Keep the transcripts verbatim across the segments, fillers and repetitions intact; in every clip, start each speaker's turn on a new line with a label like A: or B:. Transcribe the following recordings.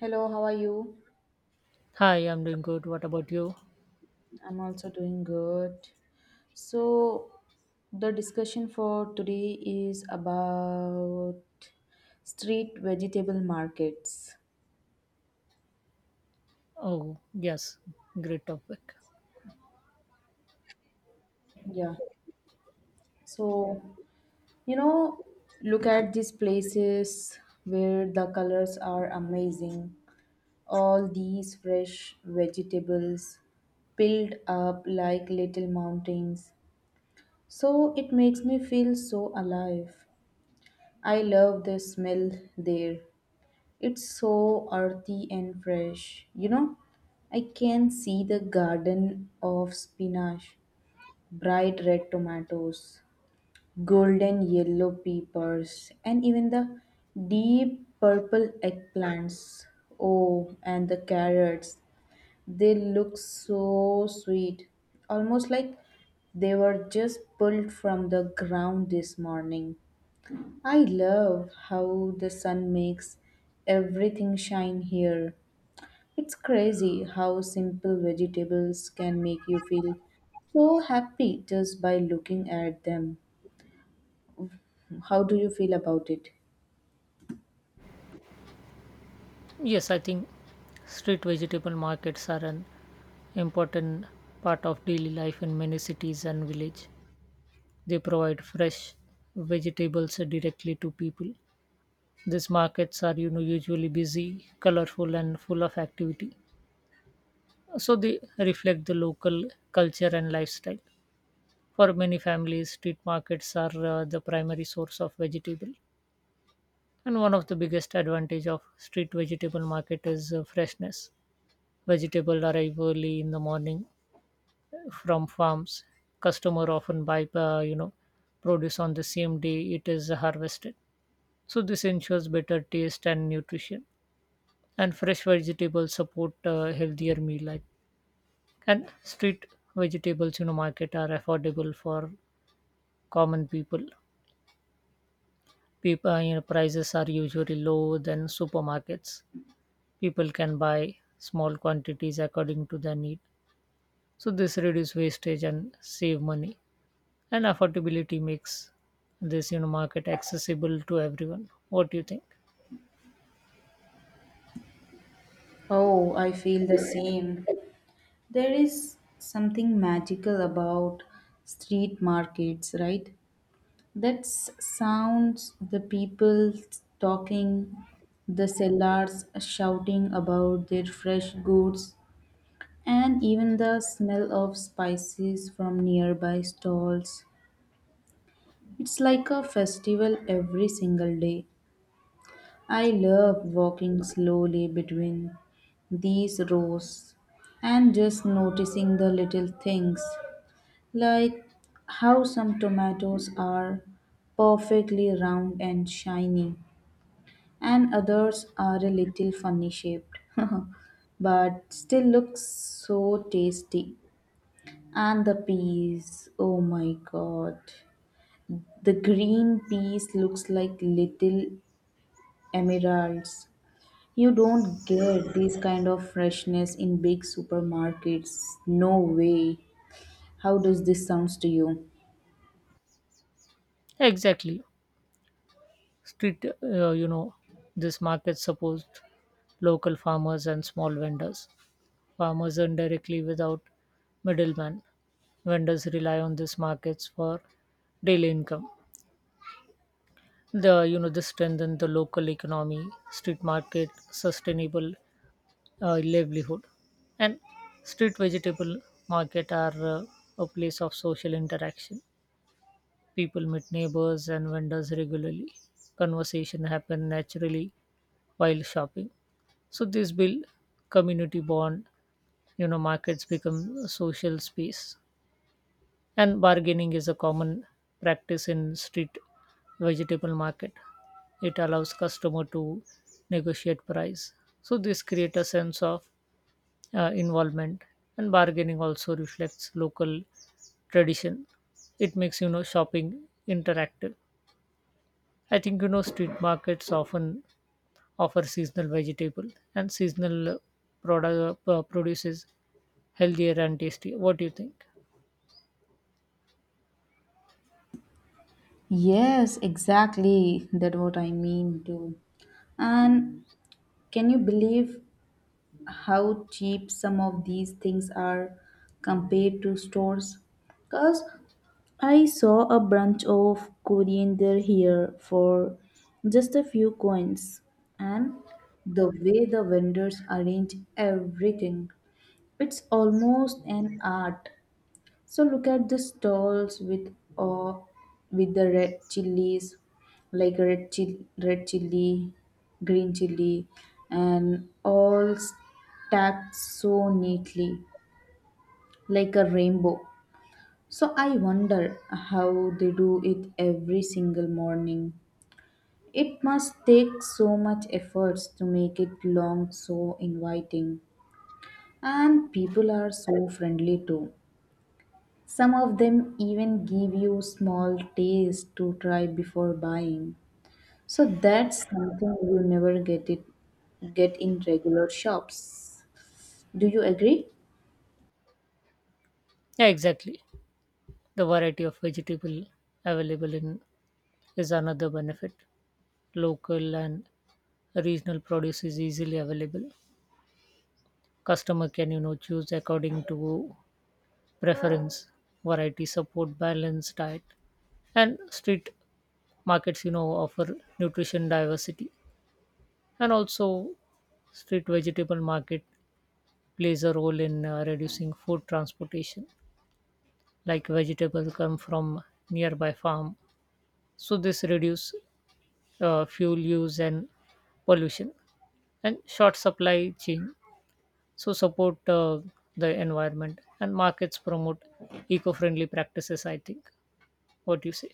A: Hello, how are you?
B: Hi, I'm doing good. What about you?
A: I'm also doing good. So, the discussion for today is about street vegetable markets.
B: Oh, yes, great topic.
A: Yeah. So, you know, look at these places where the colors are amazing. All these fresh vegetables piled up like little mountains. So, it makes me feel so alive. I love the smell there. It's so earthy and fresh. You know, I can see the garden of spinach, bright red tomatoes, golden yellow peppers, and even the deep purple eggplants. Oh, and the carrots. They look so sweet, almost like they were just pulled from the ground this morning. I love how the sun makes everything shine here. It's crazy how simple vegetables can make you feel so happy just by looking at them. How do you feel about it?
B: Yes, I think street vegetable markets are an important part of daily life in many cities and village. They provide fresh vegetables directly to people. These markets are, you know, usually busy, colorful, and full of activity. So they reflect the local culture and lifestyle. For many families, street markets are uh, the primary source of vegetable. And one of the biggest advantage of street vegetable market is uh, freshness. Vegetable arrive early in the morning uh, from farms. Customer often buy, uh, you know, produce on the same day it is harvested. So this ensures better taste and nutrition. And fresh vegetables support uh, healthier meal life. And street vegetables, you know, market are affordable for common people. People, uh, you know, prices are usually low than supermarkets. People can buy small quantities according to their need, so this reduce wastage and save money. And affordability makes this you know market accessible to everyone. What do you think?
A: Oh, I feel the same. There is something magical about street markets, right? That sounds the people talking, the sellers shouting about their fresh goods, and even the smell of spices from nearby stalls. It's like a festival every single day. I love walking slowly between these rows and just noticing the little things, like how some tomatoes are perfectly round and shiny, and others are a little funny shaped, but still look so tasty. And the peas, oh my god. The green peas looks like little emeralds. You don't get this kind of freshness in big supermarkets. No way. How does this sounds to you?
B: Exactly. Street uh, you know this market supposed local farmers and small vendors. Farmers earn directly without middleman. Vendors rely on these markets for daily income. The you know This strengthen the local economy. Street market, sustainable uh, livelihood. And street vegetable market are uh, a place of social interaction. People meet neighbors and vendors regularly. Conversation happen naturally while shopping. So this build community bond. You know, markets become a social space, and bargaining is a common practice in street vegetable market. It allows customer to negotiate price. So this create a sense of uh, involvement. And bargaining also reflects local tradition. It makes you know shopping interactive, I think. You know, street markets often offer seasonal vegetable, and seasonal product uh, produces healthier and tasty. What do you think?
A: Yes, exactly. That what I mean too. And can you believe how cheap some of these things are compared to stores? Because I saw a bunch of coriander here for just a few coins, and the way the vendors arrange everything, it's almost an art. So look at the stalls with uh, with the red chilies, like red chili, red chili, green chili, and all stacked so neatly, like a rainbow. So I wonder how they do it every single morning. It must take so much efforts to make it long so inviting. And people are so friendly too. Some of them even give you small taste to try before buying. So that's something you never get it get in regular shops. Do you agree?
B: Yeah, exactly. The variety of vegetable available in is another benefit. Local and regional produce is easily available. Customer can, you know choose according to preference. Variety support balanced diet, and street markets you know offer nutrition diversity. And also, street vegetable market plays a role in uh, reducing food transportation, like vegetables come from nearby farm, so this reduce uh, fuel use and pollution. And short supply chain so support uh, the environment, and markets promote eco-friendly practices, I think. What do you say?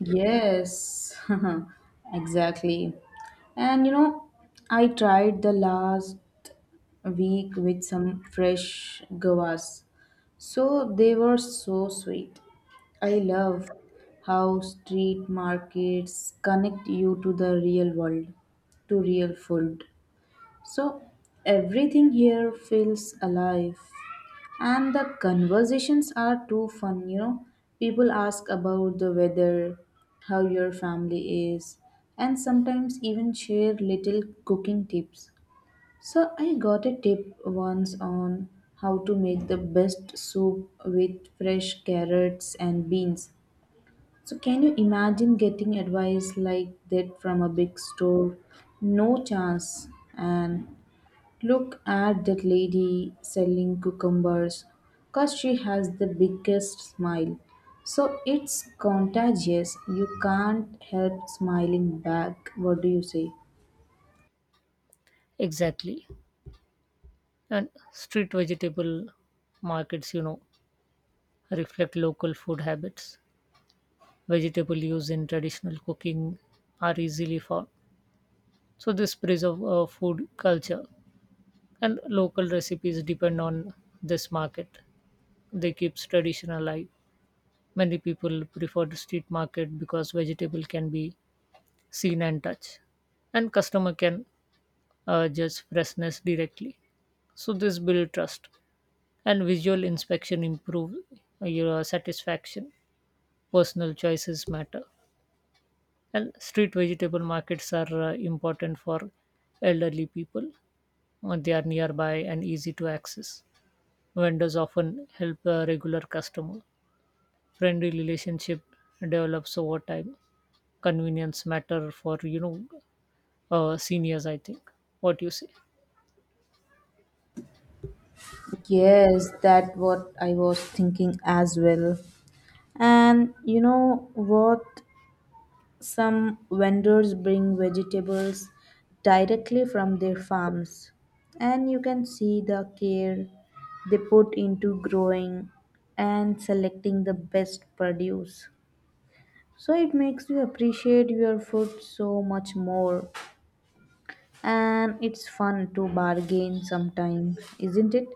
A: Yes, exactly. And you know, I tried the last week with some fresh guavas. So they were so sweet. I love how street markets connect you to the real world, to real food. So everything here feels alive. And the conversations are too fun, you know. People ask about the weather, how your family is, and sometimes even share little cooking tips. So I got a tip once on how to make the best soup with fresh carrots and beans. So can you imagine getting advice like that from a big store? No chance. And look at that lady selling cucumbers, 'cause she has the biggest smile. So it's contagious. You can't help smiling back. What do you say?
B: Exactly. And street vegetable markets, you know reflect local food habits. Vegetable used in traditional cooking are easily found, so this preserve uh, food culture. And local recipes depend on this market. They keeps tradition alive. Many people prefer the street market because vegetable can be seen and touch, and customer can uh, judge freshness directly. So this build trust, and visual inspection improve your satisfaction. Personal choices matter. And street vegetable markets are uh, important for elderly people. Uh, They are nearby and easy to access. Vendors often help a regular customer. Friendly relationship develops over time. Convenience matter for you know uh, seniors, I think. What you say?
A: Yes, that what I was thinking as well. And you know what? Some vendors bring vegetables directly from their farms, and you can see the care they put into growing and selecting the best produce. So it makes you appreciate your food so much more, and it's fun to bargain sometimes, isn't it?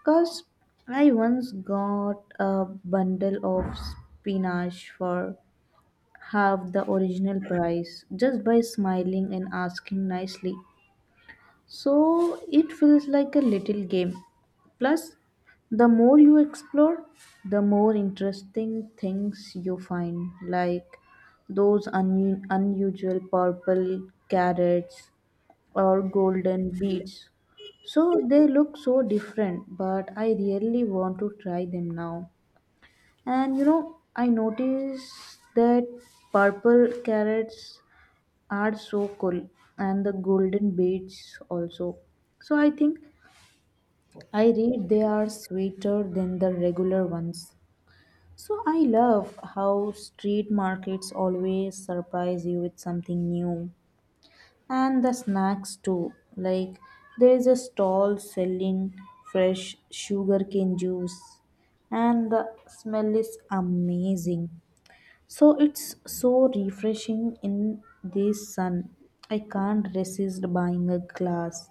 A: Because I once got a bundle of spinach for have the original price just by smiling and asking nicely. So it feels like a little game. Plus, the more you explore, the more interesting things you find, like those un- unusual purple carrots or golden beads. So they look so different, but I really want to try them now. And you know, I noticed that purple carrots are so cool and the golden beets also. So I think I read they are sweeter than the regular ones. So I love how street markets always surprise you with something new. And the snacks too. Like there is a stall selling fresh sugarcane juice and the smell is amazing, so it's so refreshing in this sun. I can't resist buying a glass.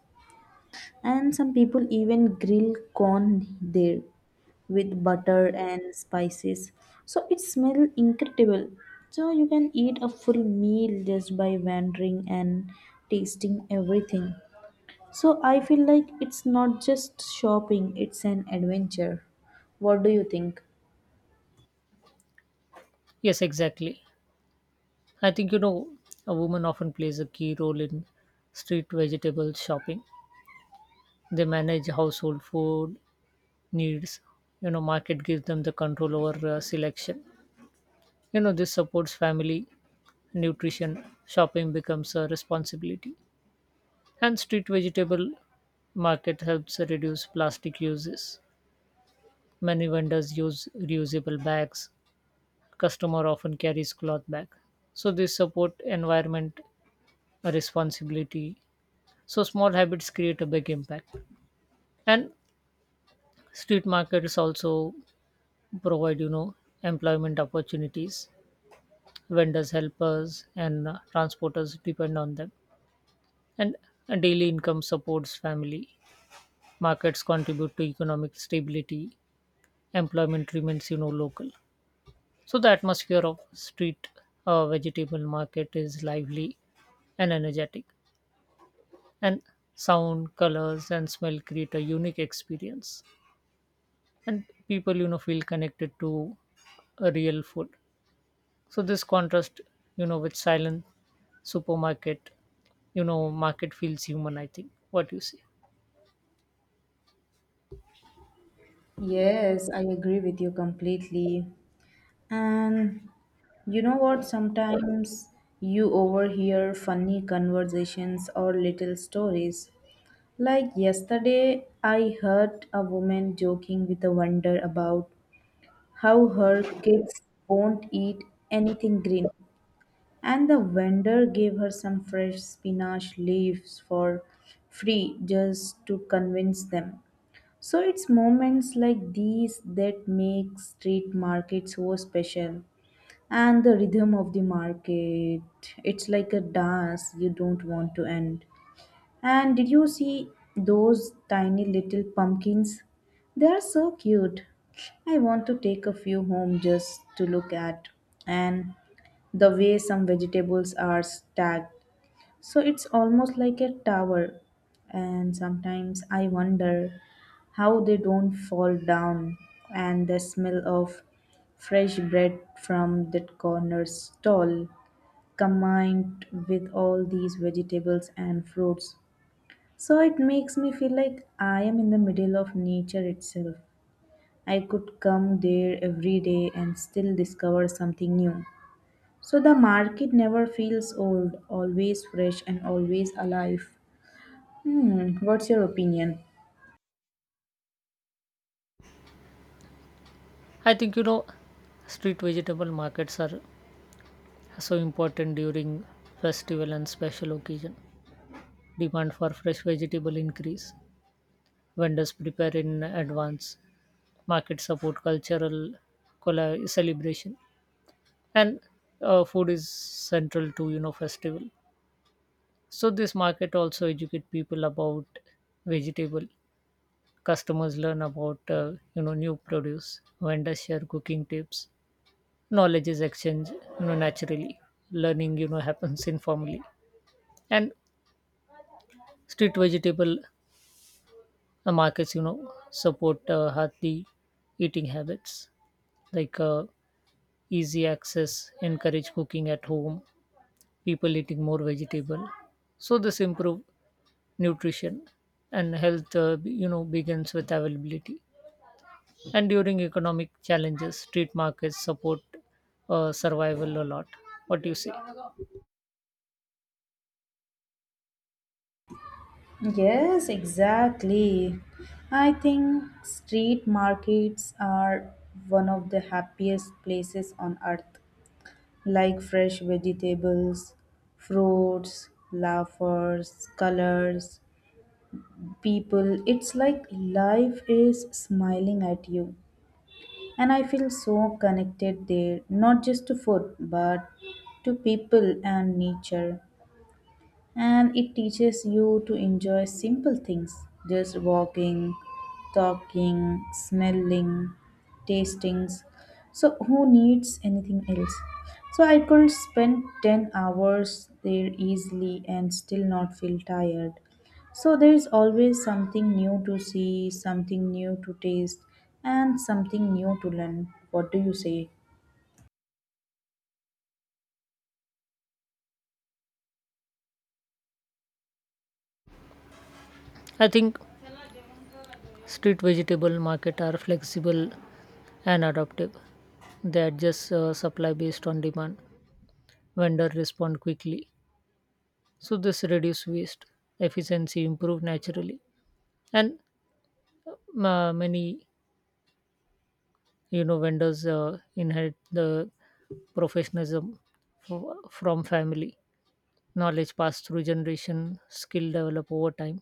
A: And some people even grill corn there with butter and spices. So it smells incredible. So you can eat a full meal just by wandering and tasting everything. So I feel like it's not just shopping, it's an adventure. What do you think?
B: Yes, exactly. I think, you know a woman often plays a key role in street vegetable shopping. They manage household food needs. you know market gives them the control over uh, selection. you know this supports family nutrition. Shopping becomes a responsibility. And street vegetable market helps reduce plastic uses. Many vendors use reusable bags. Customer often carries cloth bag, so they support environment responsibility. So small habits create a big impact. And street markets also provide, you know employment opportunities. Vendors, helpers, and uh, transporters depend on them. And a daily income supports family. Markets contribute to economic stability. Employment remains you know local. So the atmosphere of street uh, vegetable market is lively and energetic. And sound, colors and smell create a unique experience. And people, you know feel connected to a real food. So this contrast, you know with silent supermarket. you know market feels human, I think. What you say?
A: Yes, I agree with you completely. And you know what? Sometimes you overhear funny conversations or little stories. Like yesterday, I heard a woman joking with a wonder about how her kids won't eat anything green. And the vendor gave her some fresh spinach leaves for free just to convince them. So it's moments like these that make street markets so special, and the rhythm of the market, it's like a dance you don't want to end. And did you see those tiny little pumpkins? They are so cute. I want to take a few home just to look at. And the way some vegetables are stacked, so it's almost like a tower, and sometimes I wonder how they don't fall down. And the smell of fresh bread from that corner stall combined with all these vegetables and fruits. So it makes me feel like I am in the middle of nature itself. I could come there every day and still discover something new. So the market never feels old, always fresh and always alive. Hmm, what's your opinion?
B: I think, you know street vegetable markets are so important during festival and special occasion. Demand for fresh vegetable increase. Vendors prepare in advance. Market support cultural colla- celebration. And uh, food is central to, you know festival. So this market also educate people about vegetable. Customers learn about uh, you know new produce. Vendors share cooking tips. Knowledge is exchanged, you know naturally. Learning, you know happens informally. And street vegetable uh, markets, you know support uh, healthy eating habits, like uh, easy access encourage cooking at home. People eating more vegetable, so this improve nutrition. And health, uh, you know begins with availability. And during economic challenges, street markets support uh, survival a lot. What do you say?
A: Yes, exactly. I think street markets are one of the happiest places on earth. Like fresh vegetables, fruits, laughers, colors, people. It's like life is smiling at you. And I feel so connected there, not just to food, but to people and nature. And it teaches you to enjoy simple things, just walking, talking, smelling, tastings. So who needs anything else? So I could spend ten hours there easily and still not feel tired. So there is always something new to see, something new to taste, and something new to learn. What do you say?
B: I think street vegetable market are flexible and adaptive. They adjust uh, supply based on demand. Vendor respond quickly. So this reduce waste, efficiency improve naturally. And uh, many, you know vendors uh, inherit the professionalism f- from family. Knowledge passed through generation, skill develop over time,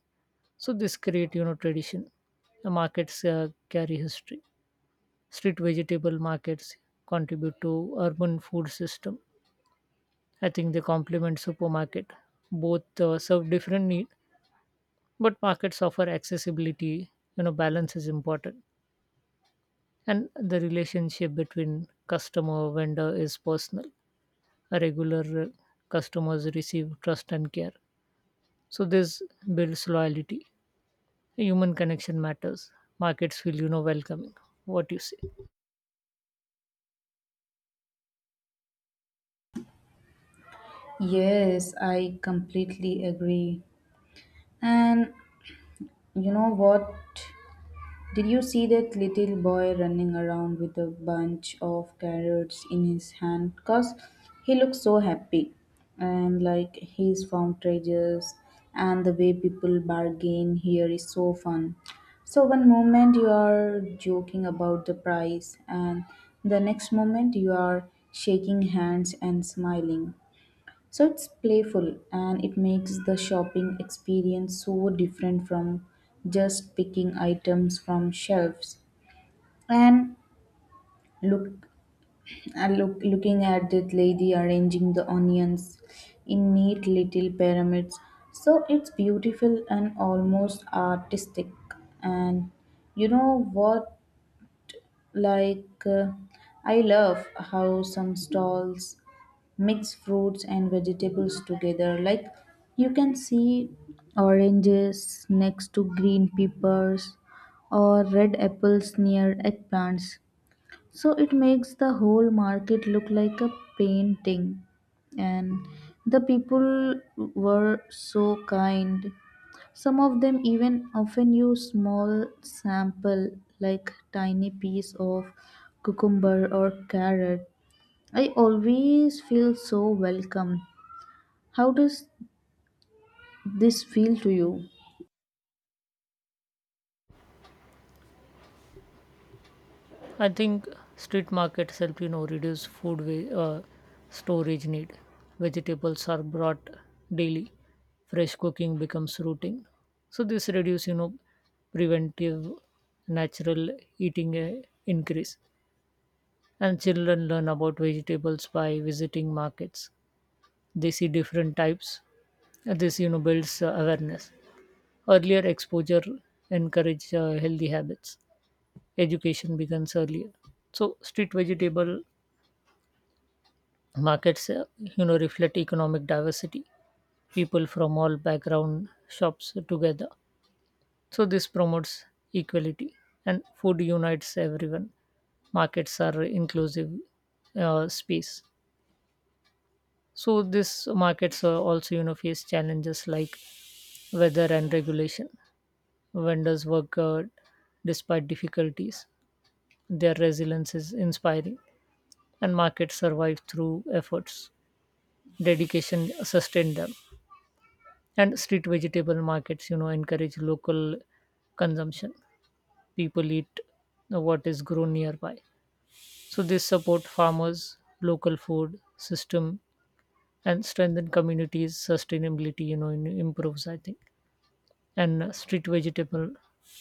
B: so this create, you know tradition. The markets uh, carry history. Street vegetable markets contribute to urban food system, I think. They complement supermarket. Both uh, serve different need, but markets offer accessibility. you know balance is important. And the relationship between customer vendor is personal. A regular uh, customers receive trust and care, so this builds loyalty. Human connection matters. Markets feel, you know welcoming. What do you say?
A: Yes, I completely agree. And you know what? Did you see that little boy running around with a bunch of carrots in his hand? Because he looks so happy and like he's found treasures, and the way people bargain here is so fun. So, one moment you are joking about the price, and the next moment you are shaking hands and smiling. So it's playful and it makes the shopping experience so different from just picking items from shelves. And look, I look looking at that lady arranging the onions in neat little pyramids. So it's beautiful and almost artistic. And you know what? Like, uh, I love how some stalls mix fruits and vegetables together, like you can see oranges next to green peppers or red apples near eggplants, so it makes the whole market look like a painting. And the people were so kind. Some of them even often use small sample, like tiny piece of cucumber or carrot. I always feel so welcome. How does this feel to you?
B: I think street markets help, you know reduce food wa- uh, storage need. Vegetables are brought daily. Fresh cooking becomes routine. So this reduce, you know preventive, natural eating uh, increase. And children learn about vegetables by visiting markets. They see different types. And this, you know builds uh, awareness. Earlier exposure encourage uh, healthy habits. Education begins earlier. So street vegetable markets, uh, you know, reflect economic diversity. People from all background shops together. So this promotes equality, and food unites everyone. Markets are inclusive uh, space. So these markets uh, also, you know, face challenges like weather and regulation. Vendors work uh, despite difficulties. Their resilience is inspiring, and markets survive through efforts. Dedication sustained them. And street vegetable markets, you know, encourage local consumption. People eat what is grown nearby. So this support farmers, local food system, and strengthen communities. Sustainability, you know, improves, I think. And uh, street vegetable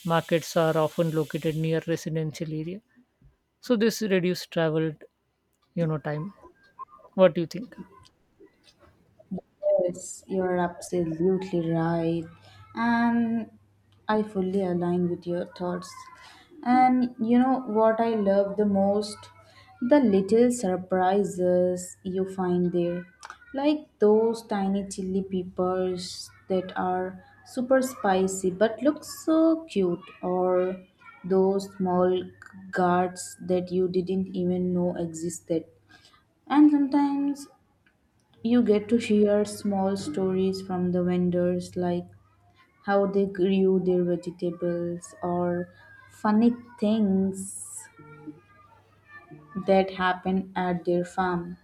B: markets are often located near residential area. So this reduce travel, you know, time. What do you think?
A: Yes, you're absolutely right. And I fully align with your thoughts. And you know what I love the most? The little surprises you find there. Like those tiny chili peppers that are super spicy but look so cute, or those small guards that you didn't even know existed. And sometimes you get to hear small stories from the vendors, like how they grew their vegetables or funny things that happen at their farm.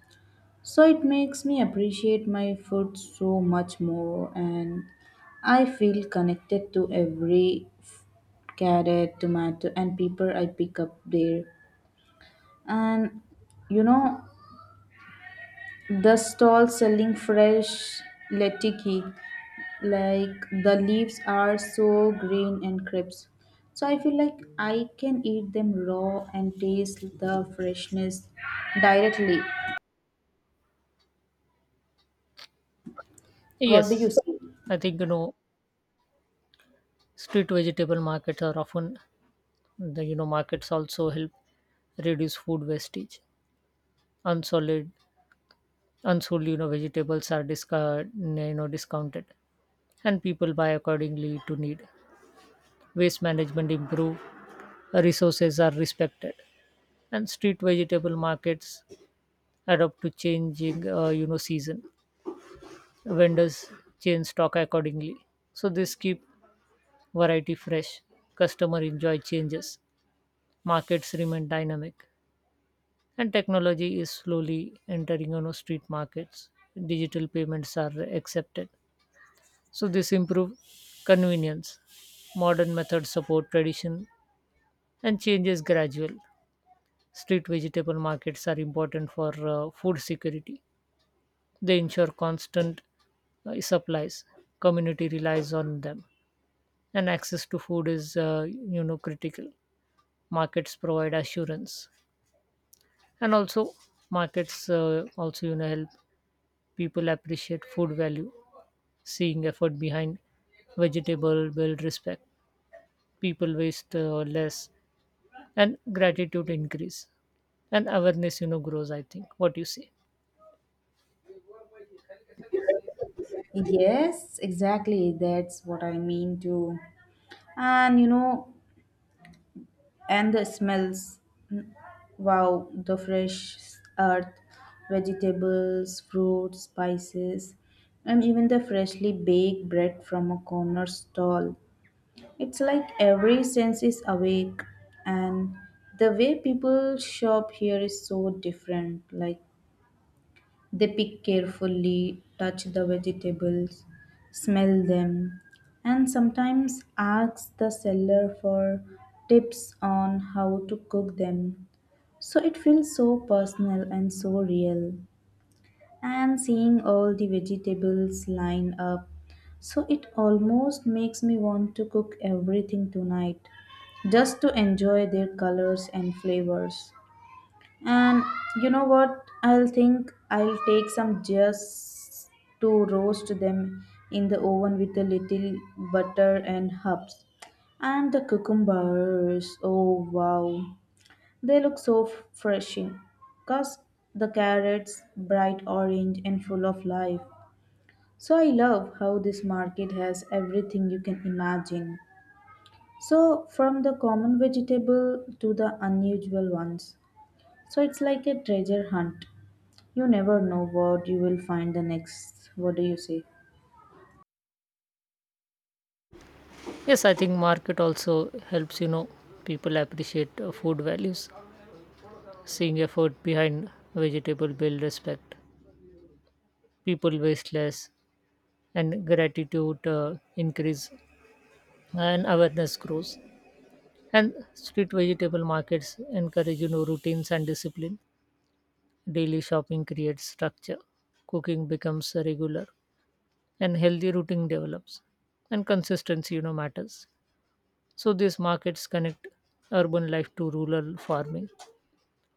A: So it makes me appreciate my food so much more, and I feel connected to every carrot, tomato, and pepper I pick up there. And you know, the stall selling fresh lettuce, like the leaves are so green and crisp. So I feel like I can eat them raw and taste the freshness directly. What do you
B: Yes,
A: say?
B: I think, you know street vegetable markets are often the, you know markets also help reduce food wastage. Unsolid Unsold, you know vegetables are discard you know discounted, and people buy accordingly to need. Waste management improve, resources are respected. And street vegetable markets adapt to changing, uh, you know season. Vendors change stock accordingly, so this keep variety fresh. Customer enjoy changes, markets remain dynamic. And technology is slowly entering, you know, street markets. Digital payments are accepted, so this improve convenience. Modern methods support tradition, and change is gradual. Street vegetable markets are important for uh, food security. They ensure constant uh, supplies. Community relies on them, and access to food is, uh, you know critical. Markets provide assurance. And also, markets uh, also, you know help people appreciate food value. Seeing effort behind vegetable build respect. People waste uh, less, and gratitude increase, and awareness, you know grows, I think. What do you say?
A: Yes, exactly. That's what I mean too. And you know, and the smells. Wow, the fresh earth, vegetables, fruits, spices, and even the freshly baked bread from a corner stall. It's like every sense is awake, and the way people shop here is so different. Like they pick carefully, touch the vegetables, smell them, and sometimes ask the seller for tips on how to cook them, so it feels so personal and so real. And seeing all the vegetables line up, so it almost makes me want to cook everything tonight just to enjoy their colors and flavors. And you know what? I'll think I'll take some just to roast them in the oven with a little butter and herbs. And the cucumbers, oh wow. They look so f- refreshing, because the carrots bright orange and full of life. So I love how this market has everything you can imagine. So from the common vegetable to the unusual ones. So it's like a treasure hunt. You never know what you will find the next. What do you say?
B: Yes, I think market also helps, you know people appreciate uh, food values. Seeing effort behind vegetable build respect. People waste less, and gratitude uh, increase, and awareness grows. And street vegetable markets encourage, you know routines and discipline. Daily shopping creates structure, cooking becomes regular, and healthy routine develops. And consistency, you know, matters. So these markets connect urban life to rural farming.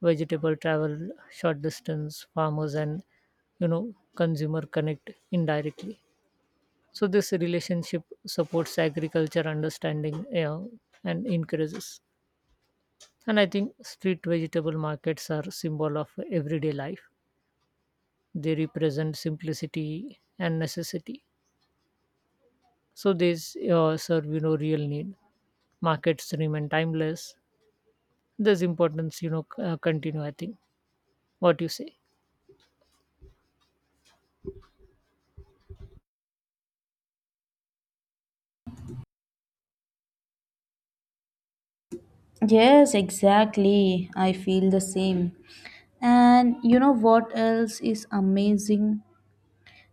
B: Vegetable travel, short distance, farmers and, you know consumer connect indirectly. So this relationship supports agriculture understanding, uh, and increases. And I think street vegetable markets are symbol of everyday life. They represent simplicity and necessity, so they s- uh, serve, you know real need. Markets remain timeless. This importance, you know c- uh, continue, I think. What you say?
A: Yes, exactly. I feel the same. And you know what else is amazing?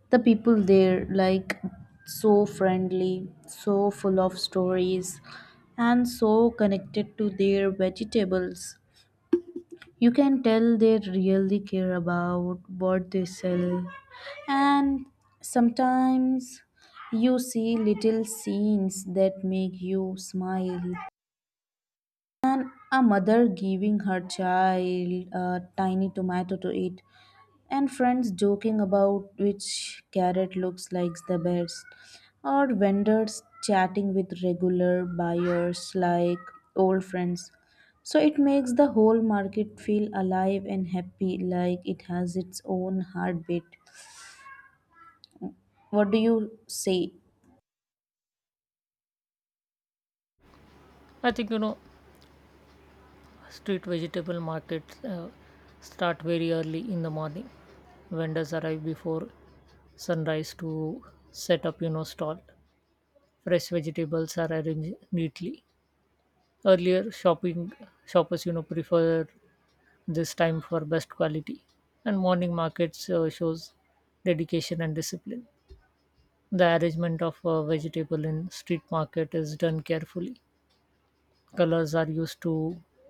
A: The people there, like so friendly, so full of stories, and so connected to their vegetables. You can tell they really care about what they sell. And sometimes you see little scenes that make you smile, a mother giving her child a tiny tomato to eat, and friends joking about which carrot looks like the best, or vendors chatting with regular buyers like old friends. So it makes the whole market feel alive and happy, like it has its own heartbeat. What do you say?
B: I think, you know street vegetable markets uh, start very early in the morning. Vendors arrive before sunrise to set up, you know stall. Fresh vegetables are arranged neatly. Earlier shopping Shoppers, you know prefer this time for best quality. And morning markets uh, shows dedication and discipline. The arrangement of a vegetable in street market is done carefully. Colors are used to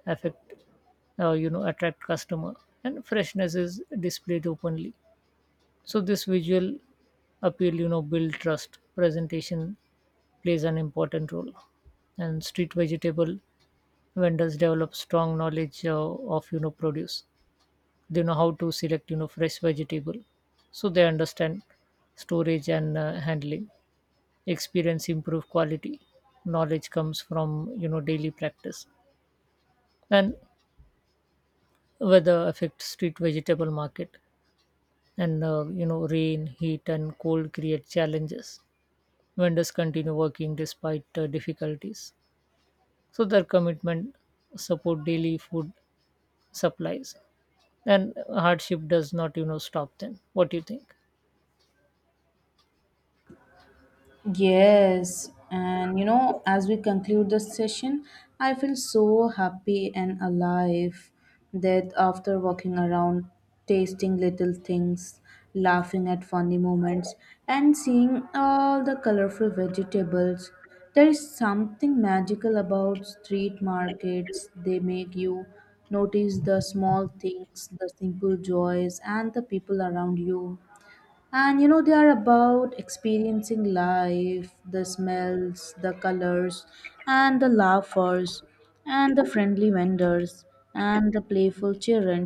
B: affect uh, you know attract customer, and freshness is displayed openly. So this visual appeal, you know build trust. Presentation plays an important role. And street vegetable vendors develop strong knowledge uh, of, you know produce. They know how to select, you know fresh vegetable. So they understand storage and uh, handling. Experience improve quality. Knowledge comes from, you know daily practice. And weather affects street vegetable market. And uh, you know rain, heat and cold create challenges. Vendors continue working despite uh, difficulties. So their commitment support daily food supplies, and hardship does not, you know stop them. What do you think?
A: Yes, and you know, as we conclude this session, I feel so happy and alive that after walking around, tasting little things, laughing at funny moments, and seeing all the colorful vegetables, there is something magical about street markets. They make you notice the small things, the simple joys, and the people around you. And you know, they are about experiencing life, the smells, the colors, and the laughers, and the friendly vendors, and the playful children.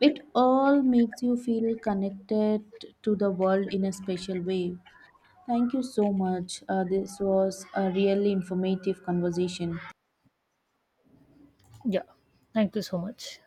A: It all makes you feel connected to the world in a special way. Thank you so much. Uh, this was a really informative conversation.
B: Yeah, thank you so much.